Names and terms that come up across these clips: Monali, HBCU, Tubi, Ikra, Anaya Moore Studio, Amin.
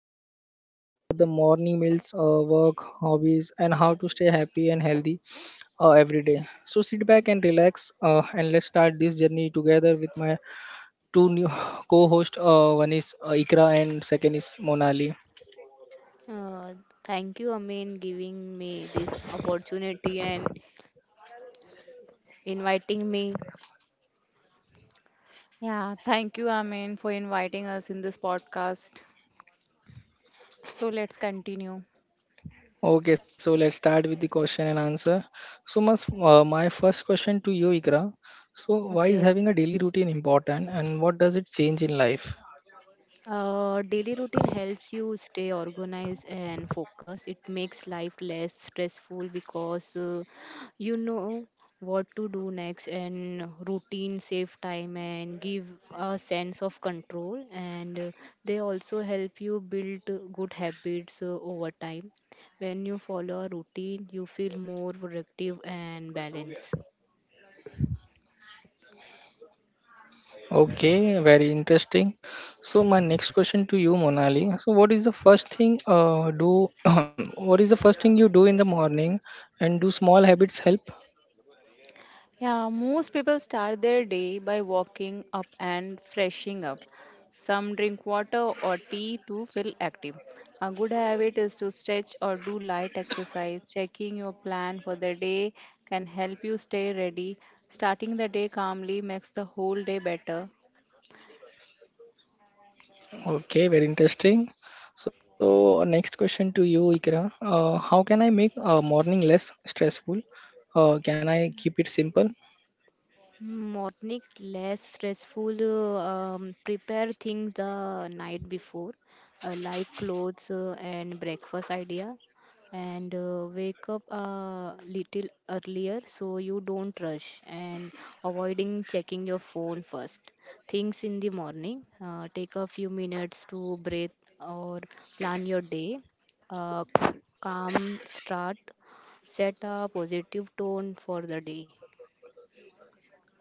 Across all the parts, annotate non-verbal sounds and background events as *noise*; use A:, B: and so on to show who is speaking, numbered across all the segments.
A: So, we will talk about the morning meals, work, hobbies, and how to stay happy and healthy every day. So, sit back and relax, and let's start this journey together with my two new *laughs* co-hosts. One is Ikra and second is Monali.
B: Uh, Thank you, Amin, giving me this opportunity and inviting me.
C: Yeah, thank you, Amin, for inviting us in this podcast. So let's continue.
A: Okay, so let's start with the question and answer. So, my first question to you, Ikra. So, why is
B: Okay.
A: having a daily routine important and what does it change in life?
B: Daily routine helps you stay organized and focused. It makes life less stressful because you know what to do next, and routine save time and give a sense of control. And they also help you build good habits over time. When you follow a routine, you feel more productive and balanced.
A: Okay, very interesting. So, my next question to you, Monali. So, what is the first thing do? *clears throat* What is the first thing you do in the morning, and do small habits help?
C: Yeah, most people start their day by walking up and freshing up. Some drink water or tea to feel active. A good habit is to stretch or do light exercise. Checking your plan for the day can help you stay ready. Starting the day calmly makes the whole day better.
A: Okay, very interesting. So, next question to you, Ikra. How can I make a morning less stressful? Can I keep it simple?
B: Morning less stressful. Prepare things the night before, like clothes and breakfast idea, and wake up a little earlier so you don't rush and avoiding checking your phone first. Things in the morning. Take a few minutes to breathe or plan your day. Uh, Calm start. Set a positive tone for the day.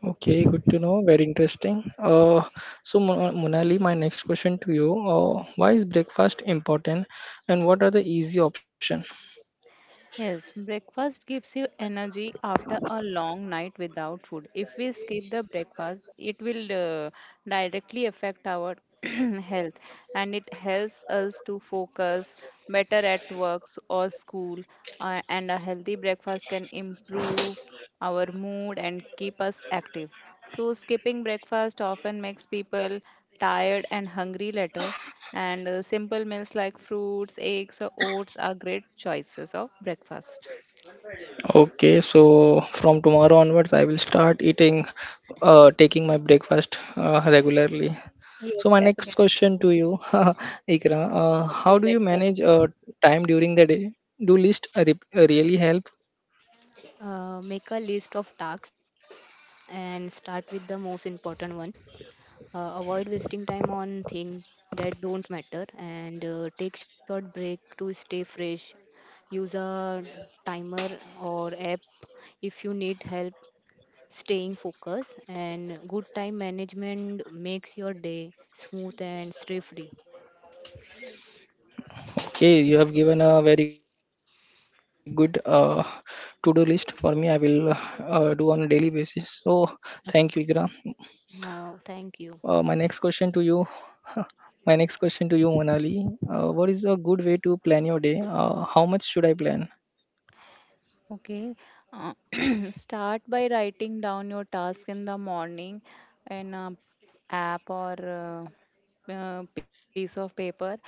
A: Okay, good to know. Very interesting. So, Monali, my next question to you. Why is breakfast important and what are the easy option?
C: Yes, breakfast gives you energy after a long night without food. If we skip the breakfast, it will directly affect our *clears throat* health, and it helps us to focus better at works or school. And a healthy breakfast can improve our mood and keep us active. So, skipping breakfast often makes people tired and hungry later. And Simple meals like fruits, eggs, or oats are great choices of breakfast.
A: Okay, so from tomorrow onwards, I will start taking my breakfast regularly.
C: Yes,
A: So my next
C: definitely.
A: question to you, *laughs* Ikra,
C: Like your
A: how do you
C: breakfast.
A: manage time during the day? Do list really help?
B: Make a list of tasks and start with the most important one. Avoid wasting time on things that don't matter and take short break to stay fresh. Use a timer or app if you need help staying focused and good time management makes your day smooth and stress free.
A: Okay, you have given a very good to-do list for me. I will do on a daily basis. So thank you, Ikra. Uh,
B: Now,
A: my next
B: thank you.
A: question to you, *laughs* my next question to you, Monali. What is a good way to plan your day? How much should I plan?
C: Okay. Uh, *clears throat* Start by writing down your task in the morning in a app or piece of paper,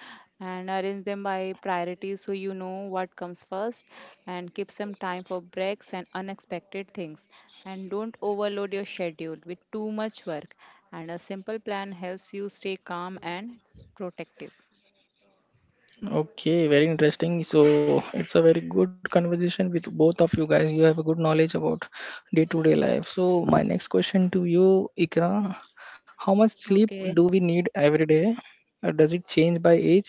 C: and arrange them by priority so you know what comes first, and keep some time for breaks and unexpected things, and don't overload your schedule with too much work. And a simple plan helps you stay calm and s- protective.
A: Okay, very interesting. So it's a very good conversation with both of you guys. You have a good knowledge about day-to-day life. So my next question to you, Ikra, how much sleep do
B: Okay.
A: we need every day? Does it change by age?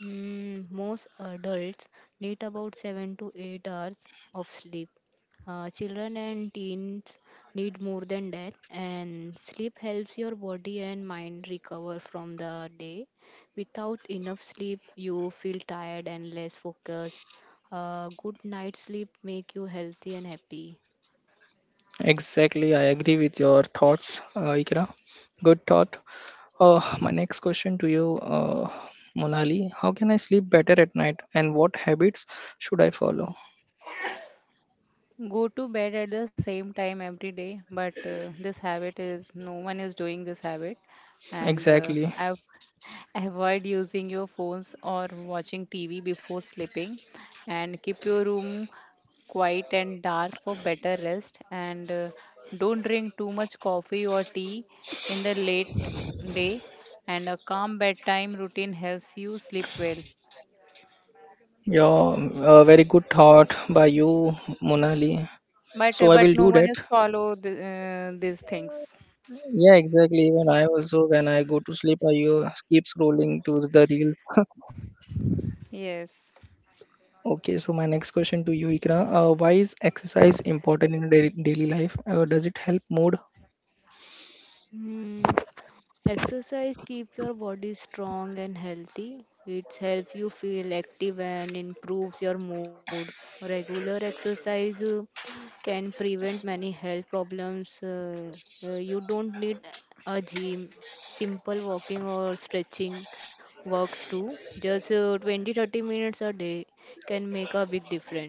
B: Most adults need about 7 to 8 hours of sleep. Children and teens need more than that, and sleep helps your body and mind recover from the day. Without enough sleep, you feel tired and less focused. A good night's sleep make you healthy and happy.
A: Exactly, I agree with your thoughts, Ikra. Good thought. My next question to you, Monali, how can I sleep better at night, and what habits should I follow?
C: Go to bed at the same time every day, but this habit is no one is doing this habit. And
A: Exactly.
C: I've, *laughs* avoid using your phones or watching tv before sleeping, and keep your room quiet and dark for better rest, and don't drink too much coffee or tea in the late day. And a calm bedtime routine helps you sleep well.
A: Yeah, a very good thought by you, Monali.
C: But uh,
A: So I
C: but
A: will
C: no
A: do
C: one
A: that.
C: is follow these things.
A: Yeah, exactly. Even I also, when I go to sleep, I keep scrolling to the reels. *laughs*
C: Yes.
A: Okay, so my next question to you, Ikra. Why is exercise important in daily life? Does it help mood?
B: Hmm. Exercise keep your body strong and healthy. It helps you feel active and improves your mood. Regular exercise can prevent many health problems. You don't need a gym. Simple walking or stretching works too. Just 20 30 minutes a day can make a big difference.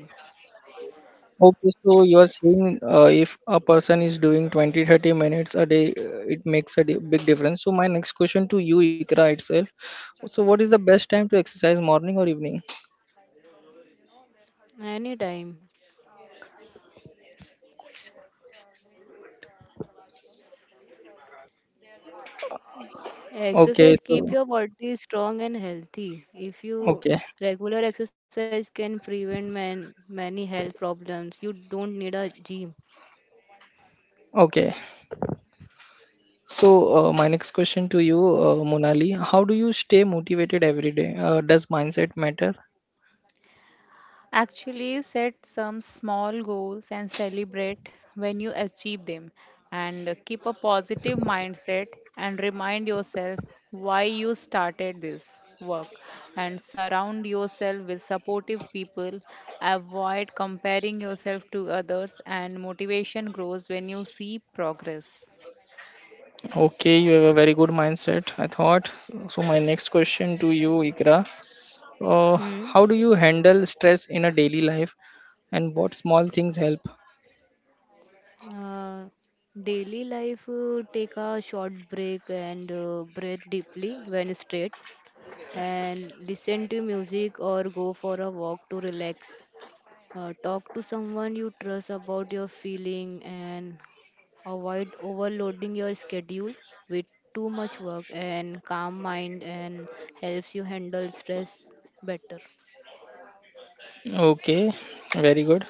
A: Okay, so you are saying if a person is doing 20 30 minutes a day, it makes a big difference. So, my next question to you, Ikra itself. So, what is the best time to exercise, morning or evening?
B: Anytime exercise
A: Okay,
B: keep your
A: so
B: body strong and healthy. If you
A: Okay,
B: regular exercise can prevent many health problems. You don't need a gym.
A: okay. So, my next question to you, Monali, how do you stay motivated every day? Does mindset matter?
C: Actually, set some small goals and celebrate when you achieve them. And keep a positive mindset and remind yourself why you started this work. And surround yourself with supportive people. Avoid comparing yourself to others, and motivation grows when you see progress.
A: Okay, you have a very good mindset, I thought. So, my next question to you, Ikra,
B: Hmm.
A: how do you handle stress in a daily life and what small things help?
B: Uh, Daily life take a short break and breathe deeply when straight and listen to music or go for a walk to relax. Talk to someone you trust about your feeling and avoid overloading your schedule with too much work and calm mind and helps you handle stress better.
A: Okay, very good.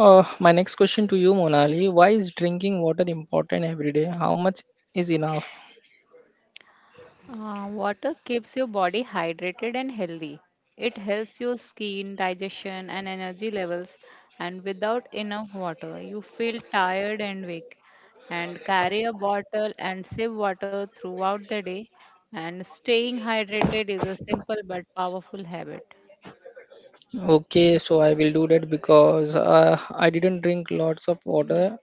A: My next question to you, Monali, why is drinking water important every day? How much is enough?
C: Water keeps your body hydrated and healthy. It helps your skin, digestion, and energy levels. And without enough water, you feel tired and weak. And carry a bottle and sip water throughout the day. And staying hydrated is a simple but powerful habit.
A: Okay, so I will do that because I didn't drink lots of water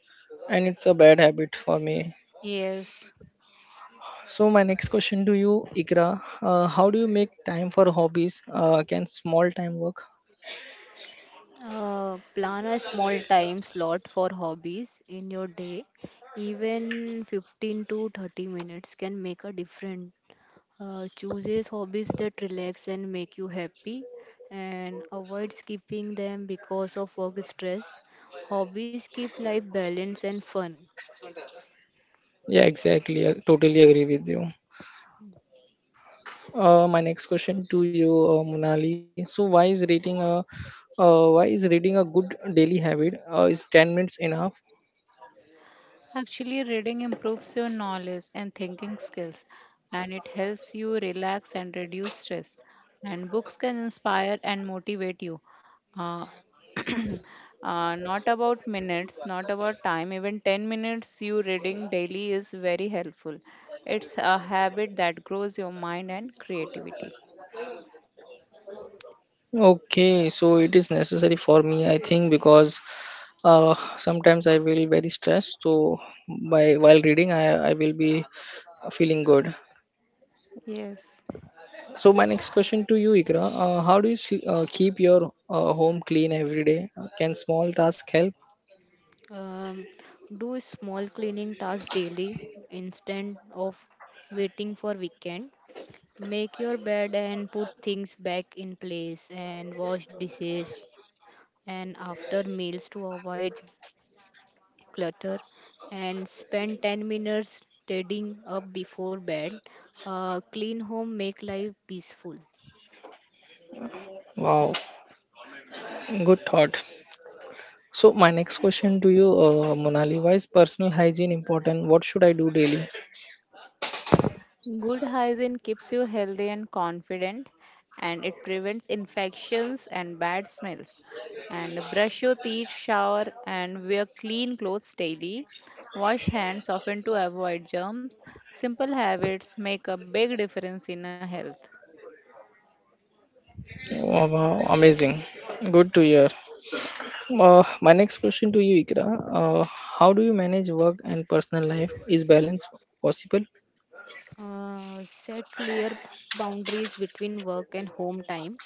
A: and it's a bad habit for me.
C: Yes.
A: So my next question to you, Ikra, how do you make time for hobbies? Can small time work?
B: Plan a small time slot for hobbies in your day. Even 15 to 30 minutes can make a difference. Chooses hobbies that relax and make you happy and avoid skipping them because of work stress. Hobbies keep life balanced and fun.
A: Yeah, exactly. I totally agree with you. My next question to you, Munali. So why is reading a good daily habit? Is 10 minutes enough?
C: Actually, reading improves your knowledge and thinking skills, and it helps you relax and reduce stress. And books can inspire and motivate you. Uh, *clears throat* Not about minutes, not about time, even 10 minutes you reading daily is very helpful. It's a habit that grows your mind and creativity.
A: Okay, so it is necessary for me, I think, because sometimes I will very stressed, so by while reading, I will be feeling good.
C: Yes.
A: So my next question to you, Ikra, how do you keep your home clean every day? Can small task help?
B: Um, do small cleaning tasks daily instead of waiting for weekend. Make your bed and put things back in place and wash dishes and after meals to avoid clutter and spend 10 minutes tidying up before bed. Clean home make life peaceful.
A: Wow, good thought. So my next question to you, Monali, why is personal hygiene important? What should I do daily?
C: Good hygiene keeps you healthy and confident, and it prevents infections and bad smells. And brush your teeth, shower, and wear clean clothes daily. Wash hands often to avoid germs. Simple habits make a big difference in a health.
A: Oh, wow, amazing. Good to hear. My next question to you, Ikra, how do you manage work and personal life? Is balance possible?
B: Set clear boundaries between work and home time.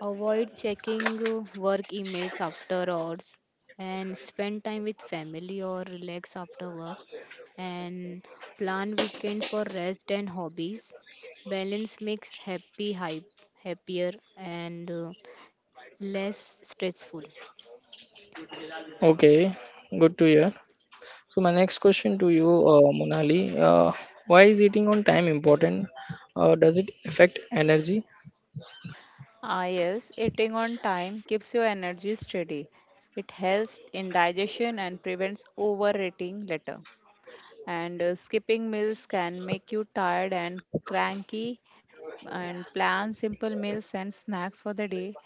B: Avoid checking work emails after hours and spend time with family or relax after work and plan weekends for rest and hobbies. Balance makes happy hype happier and less stressful.
A: Okay, good to hear. So my next question to you, Monali, why is eating on time important? Does it affect energy?
C: Ah, yes, eating on time keeps your energy steady. It helps in digestion and prevents overeating later. And skipping meals can make you tired and cranky, and plan simple meals and snacks for the day,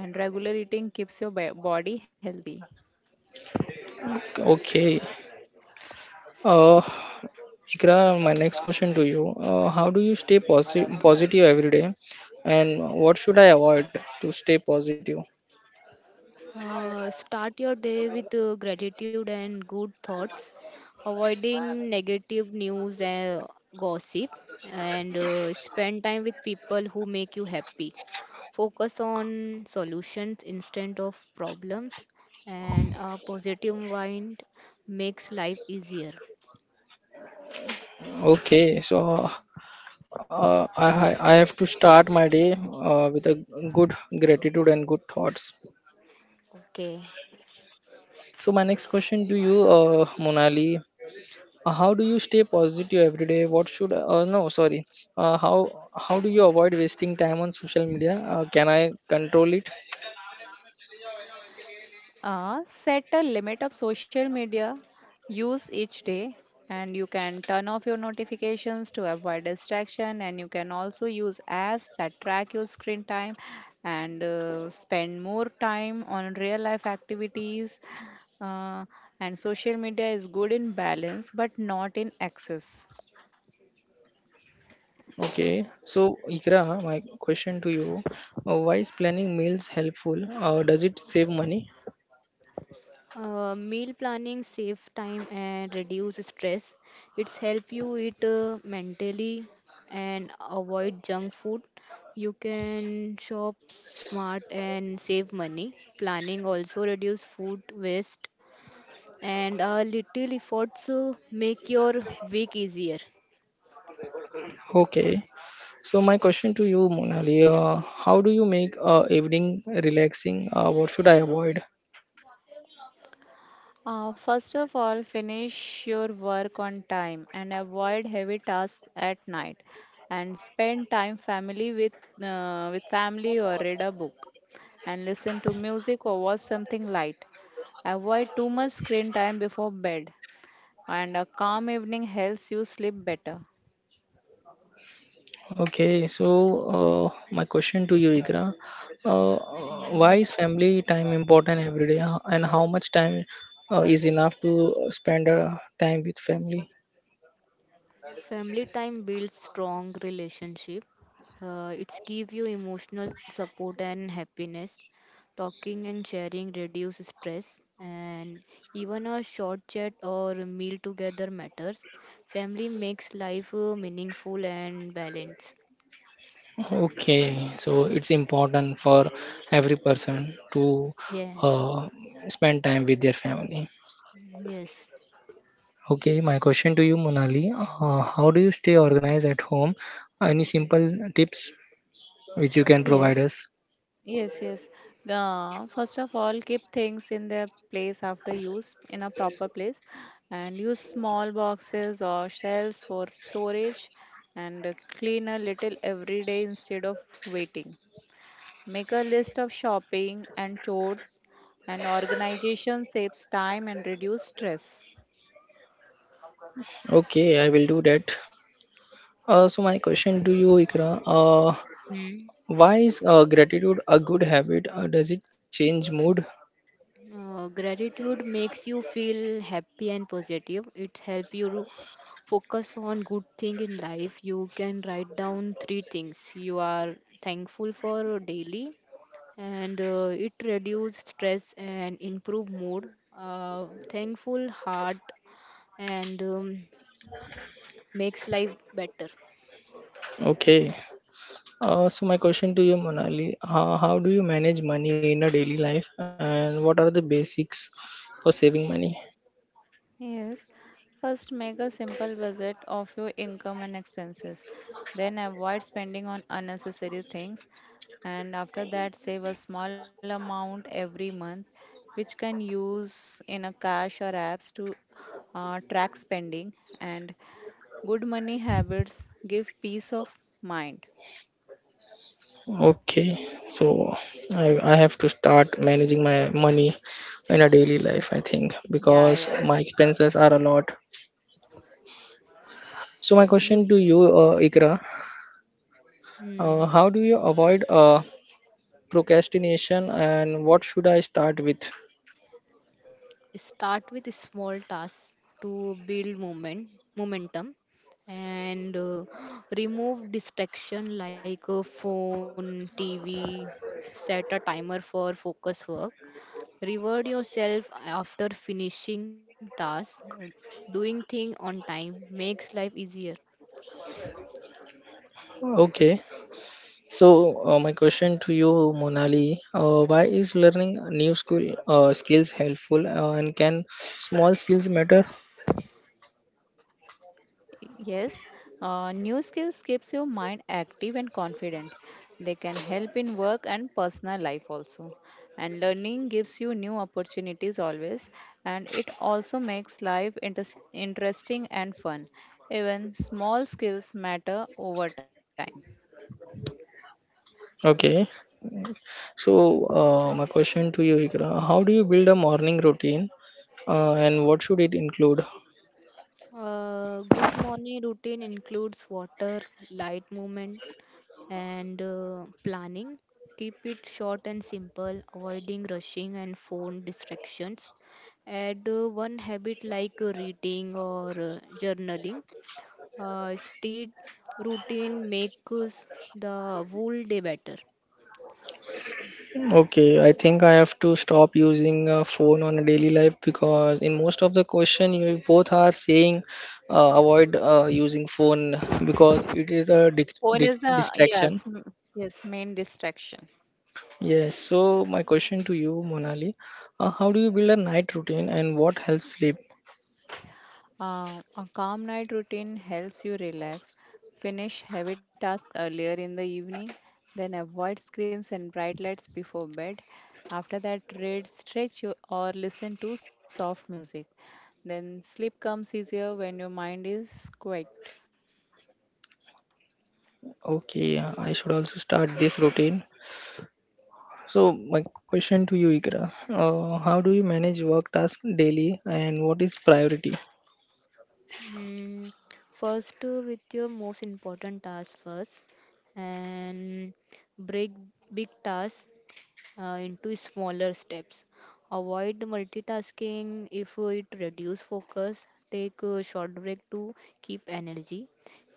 C: and regular eating keeps your ba- body healthy.
A: Okay. Uh, Ikra, my next question to you, how do you stay positive every day, and what should I avoid to stay positive?
B: Start your day with gratitude and good thoughts, avoiding negative news and gossip, and spend time with people who make you happy. Focus on solutions instead of problems, and a positive mind makes life easier.
A: Okay, so I have to start my day with a good gratitude and good thoughts.
B: Okay.
A: So my next question to you, Monali, how do you stay positive every day? What should uh, uh, no, sorry. How do you avoid wasting time on social media? Can I control it?
C: Set a limit of social media use each day, and you can turn off your notifications to avoid distraction. And you can also use apps that track your screen time, and spend more time on real life activities. Uh, and social media is good in balance but not in excess.
A: Okay. So Ikra, my question to you: Why is planning meals helpful? Does it save money?
B: Meal planning save time and reduce stress. It's help you eat mentally and avoid junk food. You can shop smart and save money. Planning also reduce food waste and little efforts make your week easier.
A: Okay. So my question to you, Monali: How do you make evening relaxing? What should I avoid?
C: First of all, finish your work on time and avoid heavy tasks at night. And spend time family with family or read a book, and listen to music or watch something light. Avoid too much screen time before bed, and a calm evening helps you sleep better.
A: Okay, so my question to you, Ikra, uh, why is family time important every day, and how much time is enough to spend time with family?
B: Family time builds strong relationship. It's give you emotional support and happiness. Talking and sharing reduce stress and even a short chat or meal together matters. Family makes life meaningful and balanced.
A: Okay, so it's important for every person to
B: Yeah.
A: uh, spend time with their family.
B: Yes.
A: Okay, my question to you, Monali, how do you stay organized at home? Any simple tips which you can provide
C: Yes.
A: us?
C: Yes. First of all, keep things in their place after use in a proper place, and use small boxes or shelves for storage, and clean a little every day instead of waiting. Make a list of shopping and chores, and organization saves time and reduce stress.
A: Okay, I will do that. So my question to you, Ikra,
B: Hmm.
A: why is gratitude a good habit? Does it change mood?
B: Gratitude makes you feel happy and positive. It helps you to focus on good thing in life. You can write down three things you are thankful for daily, and it reduce stress and improve mood. Thankful heart and makes life better.
A: Okay. So my question to you, Monali, how do you manage money in a daily life, and what are the basics for saving money?
C: Yes, first make a simple budget of your income and expenses. Then avoid spending on unnecessary things, and after that save a small amount every month which can use in a cash or apps to track spending, and good money habits give peace of mind.
A: Okay, so I have to start managing my money in a daily life, I think,
C: Yeah,
A: because
C: yeah.
A: my expenses are a lot. So my
C: You.
A: question to you, Ikra,
B: Hmm.
A: how do you avoid procrastination and what should I start with?
B: Start with small tasks to build momentum and *gasps* remove distraction like a phone tv. Set a timer for focus work. Reward yourself after finishing tasks. Doing thing on time makes life easier.
A: Okay, so my question to you, Monali, why is learning new school skills helpful and can small skills matter?
C: Yes, new skills keeps your mind active and confident. They can help in work and personal life also. And learning gives you new opportunities always, and it also makes life interesting and fun. Even small skills matter over time.
A: Okay, so my question to you, Ikra, how do you build a morning routine and what should it include?
B: Good morning routine includes water, light movement, and planning. Keep it short and simple, avoiding rushing and phone distractions. Add one habit like reading or journaling. Steady routine makes the whole day better.
A: Okay, I think I have to stop using a phone on a daily life because in most of the question you both are saying avoid using phone because it is a di
C: Phone
A: di
C: is the
A: distraction.
C: yes, m- yes, main distraction.
A: Yes, so my question to you, Monali, how do you build a night routine and what helps sleep?
C: A calm night routine helps you relax, finish heavy tasks earlier in the evening, then avoid screens and bright lights before bed. After that, read, stretch, you- or listen to soft music. Then sleep comes easier when your mind is quiet.
A: Okay, I should also start this routine. So my question to you, Ikra, how do you manage work tasks daily and what is priority?
B: Mm, First, with your most important task first, and break big tasks into smaller steps. Avoid multitasking if it reduces focus. Take a short break to keep energy.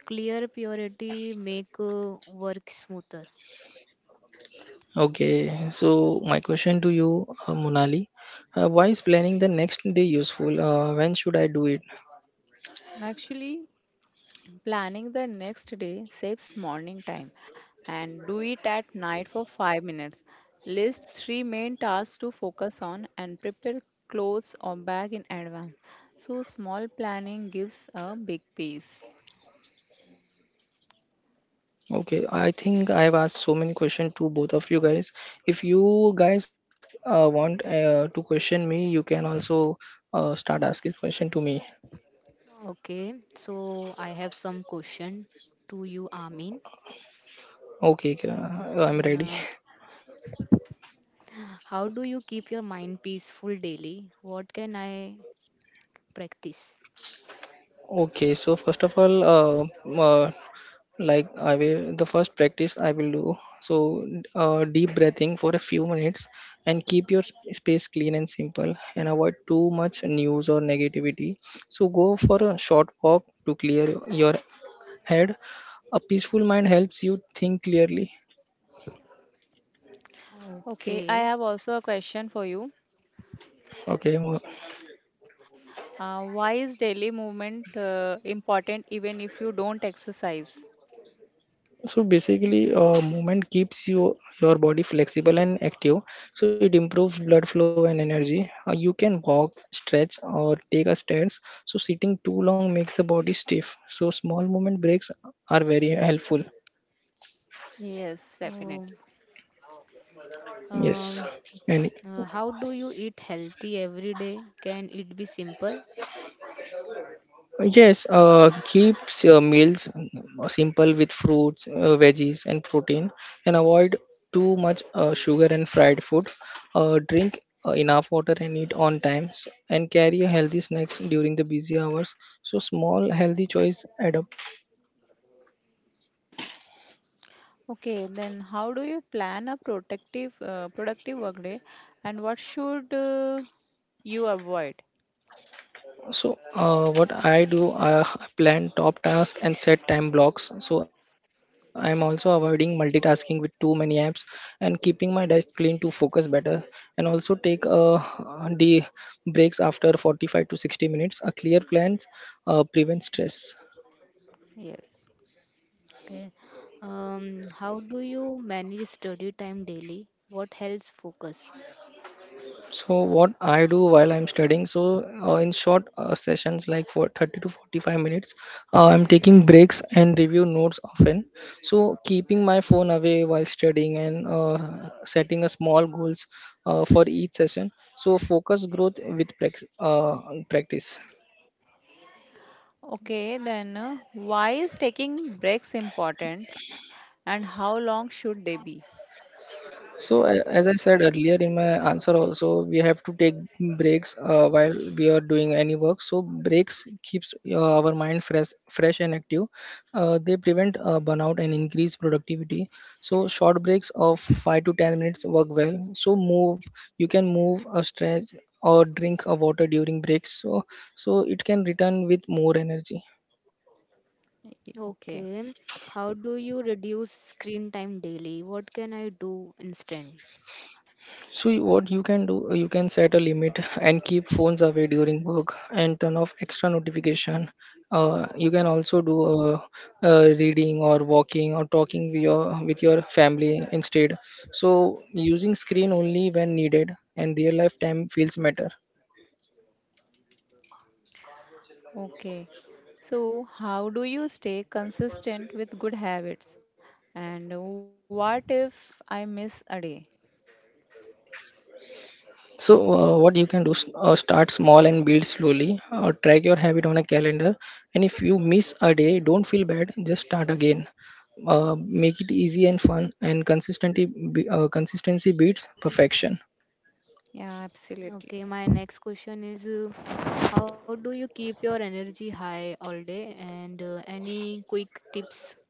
B: Clear priority make work smoother.
A: Okay, so my question to you, Monali, why is planning the next day useful? When should I do it?
C: Actually, planning the next day saves morning time, and do it at night for 5 minutes. List three main tasks to focus on and prepare clothes or bag in advance. So, small planning gives a big peace.
A: Okay, I think I have asked so many questions to both of you guys. If you guys want to question me, you can also start asking question to me.
B: Okay, so I have some question to you, Amin.
A: Okay, Kira,
B: Mm,
A: I'm ready. *laughs*
B: uh, how do you keep your mind peaceful daily? What can I practice?
A: Okay, so first of all, uh, like I will the first practice, I will do. So deep breathing for a few minutes. And keep your space clean and simple, and avoid too much news or negativity. So go for a short walk to clear your head. A peaceful mind helps you think clearly.
C: Okay, I
B: Okay.
C: have also a question for you.
A: Okay,
C: Why is daily movement important even if you don't exercise?
A: so basically, movement keeps your body flexible and active. So it improves blood flow and energy. You can walk, stretch, or take a stance. So sitting too long makes the body stiff, so small movement breaks are very helpful.
C: Yes, definitely.
B: Um,
A: Yes,
B: um,
A: and
B: How do you eat healthy every day? Can it be simple?
A: Yes, keeps your meals simple with fruits, veggies, and protein, and avoid too much sugar and fried food. Drink enough water and eat on time, and carry a healthy snacks during the busy hours. So small healthy choice add up.
C: Okay, then how do you plan a protective, productive workday, and what should you avoid?
A: So what I do, I plan top tasks and set time blocks. So I'm also avoiding multitasking with too many apps and keeping my desk clean to focus better. And also take the breaks after 45 to 60 minutes. A clear plans prevents stress.
C: Yes.
B: Okay. How do you manage study time daily? What helps focus?
A: So what I do while I'm studying, so in short sessions like for 30 to 45 minutes, I'm taking breaks and review notes often. So keeping my phone away while studying, and setting a small goals for each session. So focus growth with practice.
C: Okay, then why is taking breaks important, and how long should they be?
A: So as I said earlier in my answer also, we have to take breaks while we are doing any work. So breaks keeps our mind fresh and active. They prevent burnout and increase productivity. So short breaks of 5 to 10 minutes work well. So you can move a stretch or drink a water during breaks. So it can return with more energy.
C: Okay,
B: Okay. How do you reduce screen time daily? What can I do instead?
A: What you can do, you can set a limit and keep phones away during work and turn off extra notification. You can also do reading or walking or talking with your family instead. So using screen only when needed and real life time feels better.
C: okay. So, how do you stay consistent with good habits? And what if I miss a day?
A: So, what you can do is start small and build slowly. Track your habit on a calendar, and if you miss a day, don't feel bad. Just start again. Make it easy and fun, and consistency beats perfection.
C: Yeah,
B: Okay,
C: absolutely.
B: my next question is how do you keep your energy high all day and any quick tips?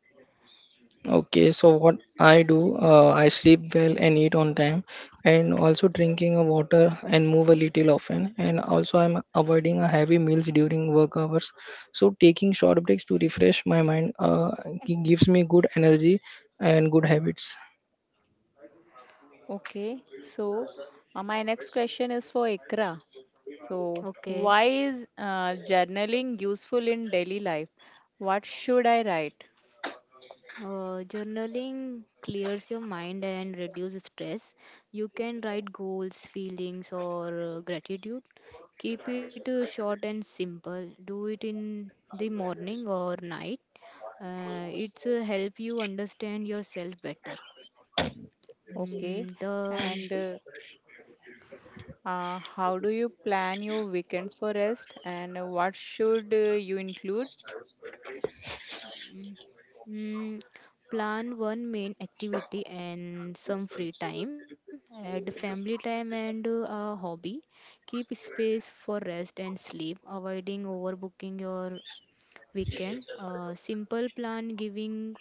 A: Okay, so what I do, I sleep well and eat on time, and also drinking a water and move a little often. And also, I'm avoiding a heavy meals during work hours. So taking short breaks to refresh my mind gives me good energy and good habits.
C: Okay, so my next question is for Ikra. So,
B: Okay.
C: why is journaling useful in daily life? What should I write?
B: Journaling clears your mind and reduces stress. You can write goals, feelings, or gratitude. Keep it short and simple. Do it in the morning or night. It's help you understand yourself better. Mm,
C: Okay.
B: the
C: And how do you plan your weekends for rest? And what should you include?
B: Mm, Plan one main activity and some free time. Add family time and a hobby. Keep space for rest and sleep, avoiding overbooking your weekend. A simple plan giving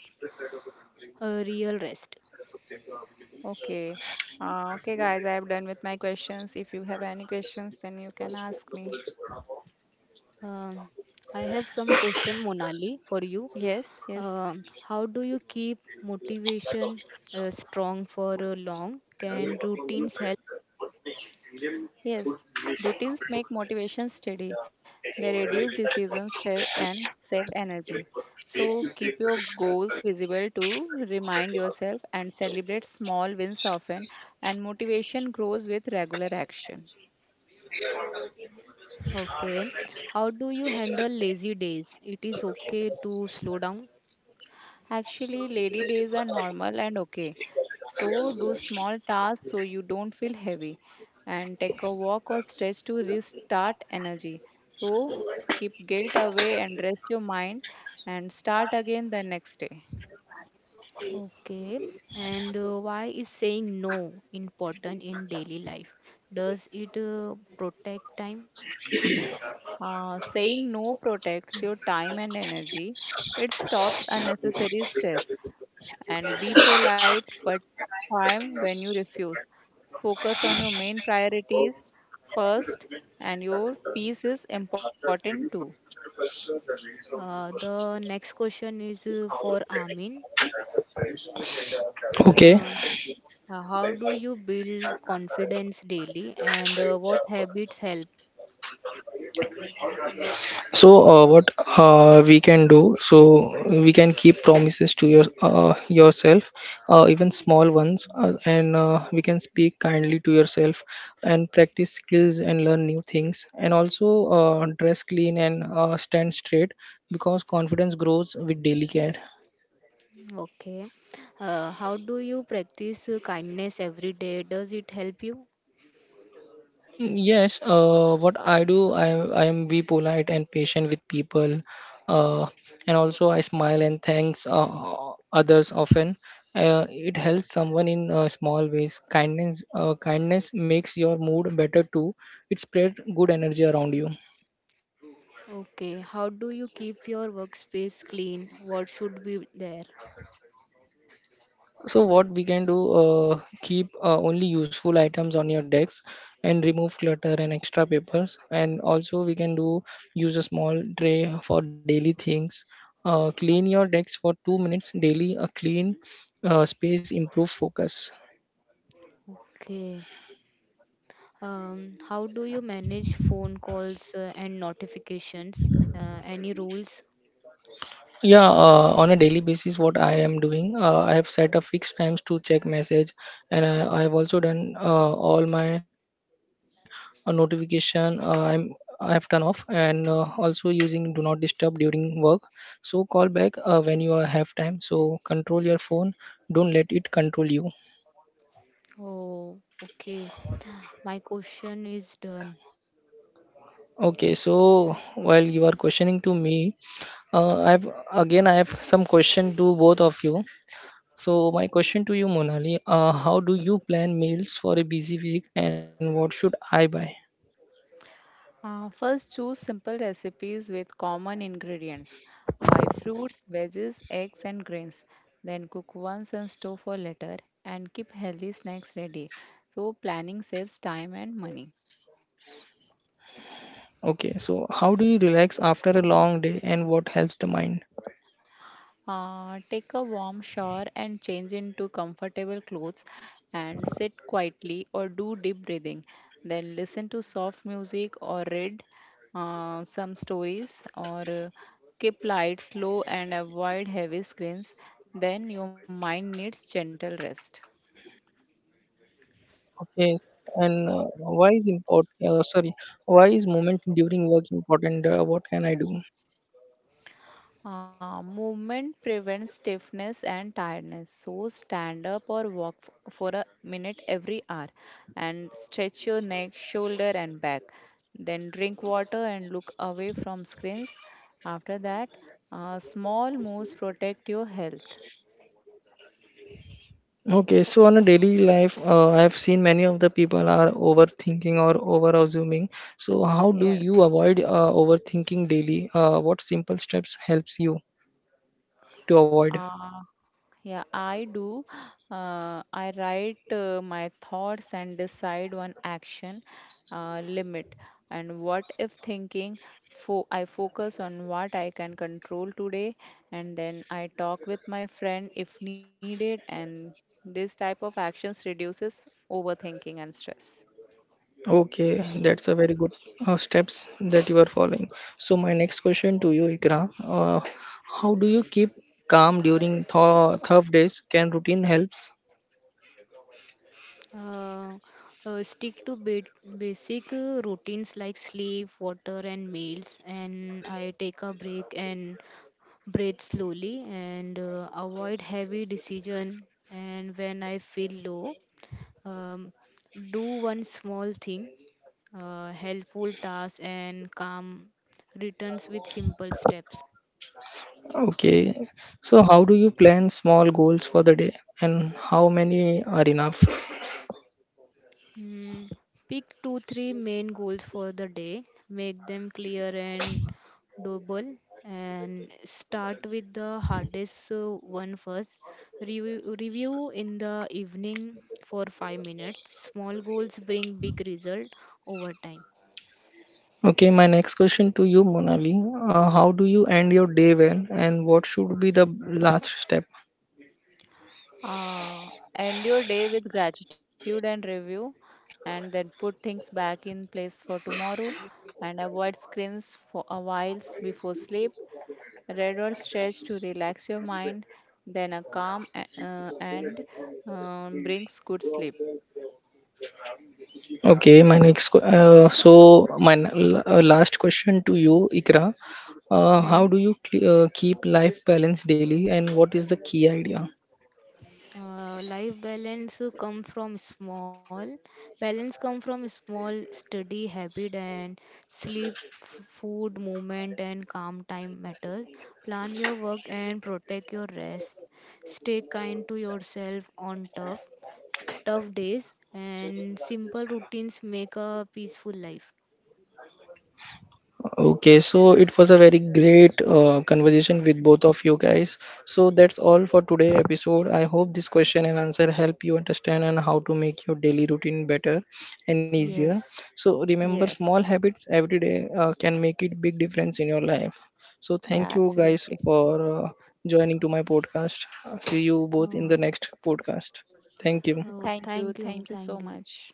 B: a real rest.
C: Okay. Okay, guys, I have done with my questions. If you have any questions, then you can ask me.
B: Um, I have some question, Monali, for you.
C: Yes.
B: How do you keep motivation strong for long? Can routines help?
C: Yes, routines make motivation steady. They reduce decision stress and save energy. So keep your goals visible to remind yourself and celebrate small wins often, and motivation grows with regular action.
B: Okay. How do you handle lazy days? It is okay to slow down.
C: Actually, lady days are normal and okay. So, do small tasks so you don't feel heavy and take a walk or stretch to restart energy. So, keep guilt away and rest your mind, and start again the next day.
B: Okay. And why is saying no important in daily life? Does it protect time?
C: Saying no protects your time and energy. It stops unnecessary stress. And be polite but firm when you refuse. Focus on your main priorities first, and your peace is important too.
B: The next question is for Amin.
A: Okay.
B: Um, how do you build confidence daily and what habits help?
A: So what we can do, so we can keep promises to your yourself, even small ones, and we can speak kindly to yourself and practice skills and learn new things, and also dress clean and stand straight, because confidence grows with daily care.
B: Okay. How do you practice kindness every day? Does it help you?
A: Yes, what I do, I am be polite and patient with people, uh, and also I smile and thanks others often. It helps someone in small ways. Kindness makes your mood better too. It spread good energy around you.
B: Okay, how do you keep your workspace clean? What should be there?
A: So what we can do, keep only useful items on your decks and remove clutter and extra papers. And also we can do use a small tray for daily things. Clean your decks for 2 minutes daily. A clean space improve focus.
B: Okay. How do you manage phone calls and notifications? Any rules?
A: Yeah, on a daily basis, what I am doing, I have set a fixed times to check message, and I have also done all my notification. I have turned off, and also using do not disturb during work. So call back when you have time. So control your phone. Don't let it control you.
B: Oh, okay. My question is done.
A: Okay. So while you are questioning to me, I have some question to both of you. So my question to you, Monali, how do you plan meals for a busy week and what should I buy?
C: First, choose simple recipes with common ingredients. Buy fruits, veggies, eggs, and grains. Then cook once and store for later, and keep healthy snacks ready. So, planning saves time and money.
A: Okay, so how do you relax after a long day and what helps the mind?
C: Take a warm shower and change into comfortable clothes, and sit quietly or do deep breathing. Then listen to soft music or read some stories, or keep lights low and avoid heavy screens. Then your mind needs gentle rest.
A: Okay, and why is important? Sorry, why is moment during work important? What can I do?
C: Movement prevents stiffness and tiredness. So stand up or walk for a minute every hour, and stretch your neck, shoulder, and back. Then drink water and look away from screens. After that, small moves protect your health.
A: Okay, so on a daily life, I have seen many of the people are overthinking or over assuming. So how do
C: Yeah.
A: you avoid overthinking daily? What simple steps helps you to avoid?
C: Uh, yeah, I do. I write my thoughts and decide one action limit. And what if thinking? Fo I focus on what I can control today, and then I talk with my friend if needed. And this type of actions reduces overthinking and stress.
A: Okay, that's a very good steps that you are following. So my next question to you, Ikra, how do you keep calm during tough days? Can routine helps?
B: Uh, Stick to basic routines like sleep, water, and meals. And I take a break and breathe slowly and avoid heavy decision. And when I feel low, um, do one small thing, helpful task, and calm returns with simple steps.
A: Okay, so how do you plan small goals for the day, and how many are enough?
B: Mm, Pick two, three main goals for the day, make them clear and doable, and start with the hardest one first. Review in the evening for 5 minutes. Small goals bring big result over time.
A: Okay, my next question to you, Monali, how do you end your day well, and what should be the last step?
C: Uh, end your day with gratitude and review, and then put things back in place for tomorrow. And avoid screens for a while before sleep. Read or stretch to relax your mind. Then a calm and brings good sleep.
A: Okay, my next que- so my n- l- last question to you, Ikra. How do you keep life balance daily, and what is the key idea?
B: Life balance come from small Balance come from small study habit and sleep food movement and calm time matter. Plan your work and protect your rest. Stay kind to yourself on tough days and simple routines make a peaceful life.
A: Okay, so it was a very great conversation with both of you guys. So that's all for today episode. I hope this question and answer help you understand and how to make your daily routine better and easier.
B: Yes.
A: So remember,
C: Yes.
A: small habits every day can make it big difference in your life. So
C: Yeah,
A: thank you guys
C: absolutely.
A: for joining to my podcast. See you both
B: Oh,
A: in the next podcast. Thank you.
B: oh,
C: Thank you.
B: thank you,
C: Thank you
B: thank
C: so
B: you.
C: much.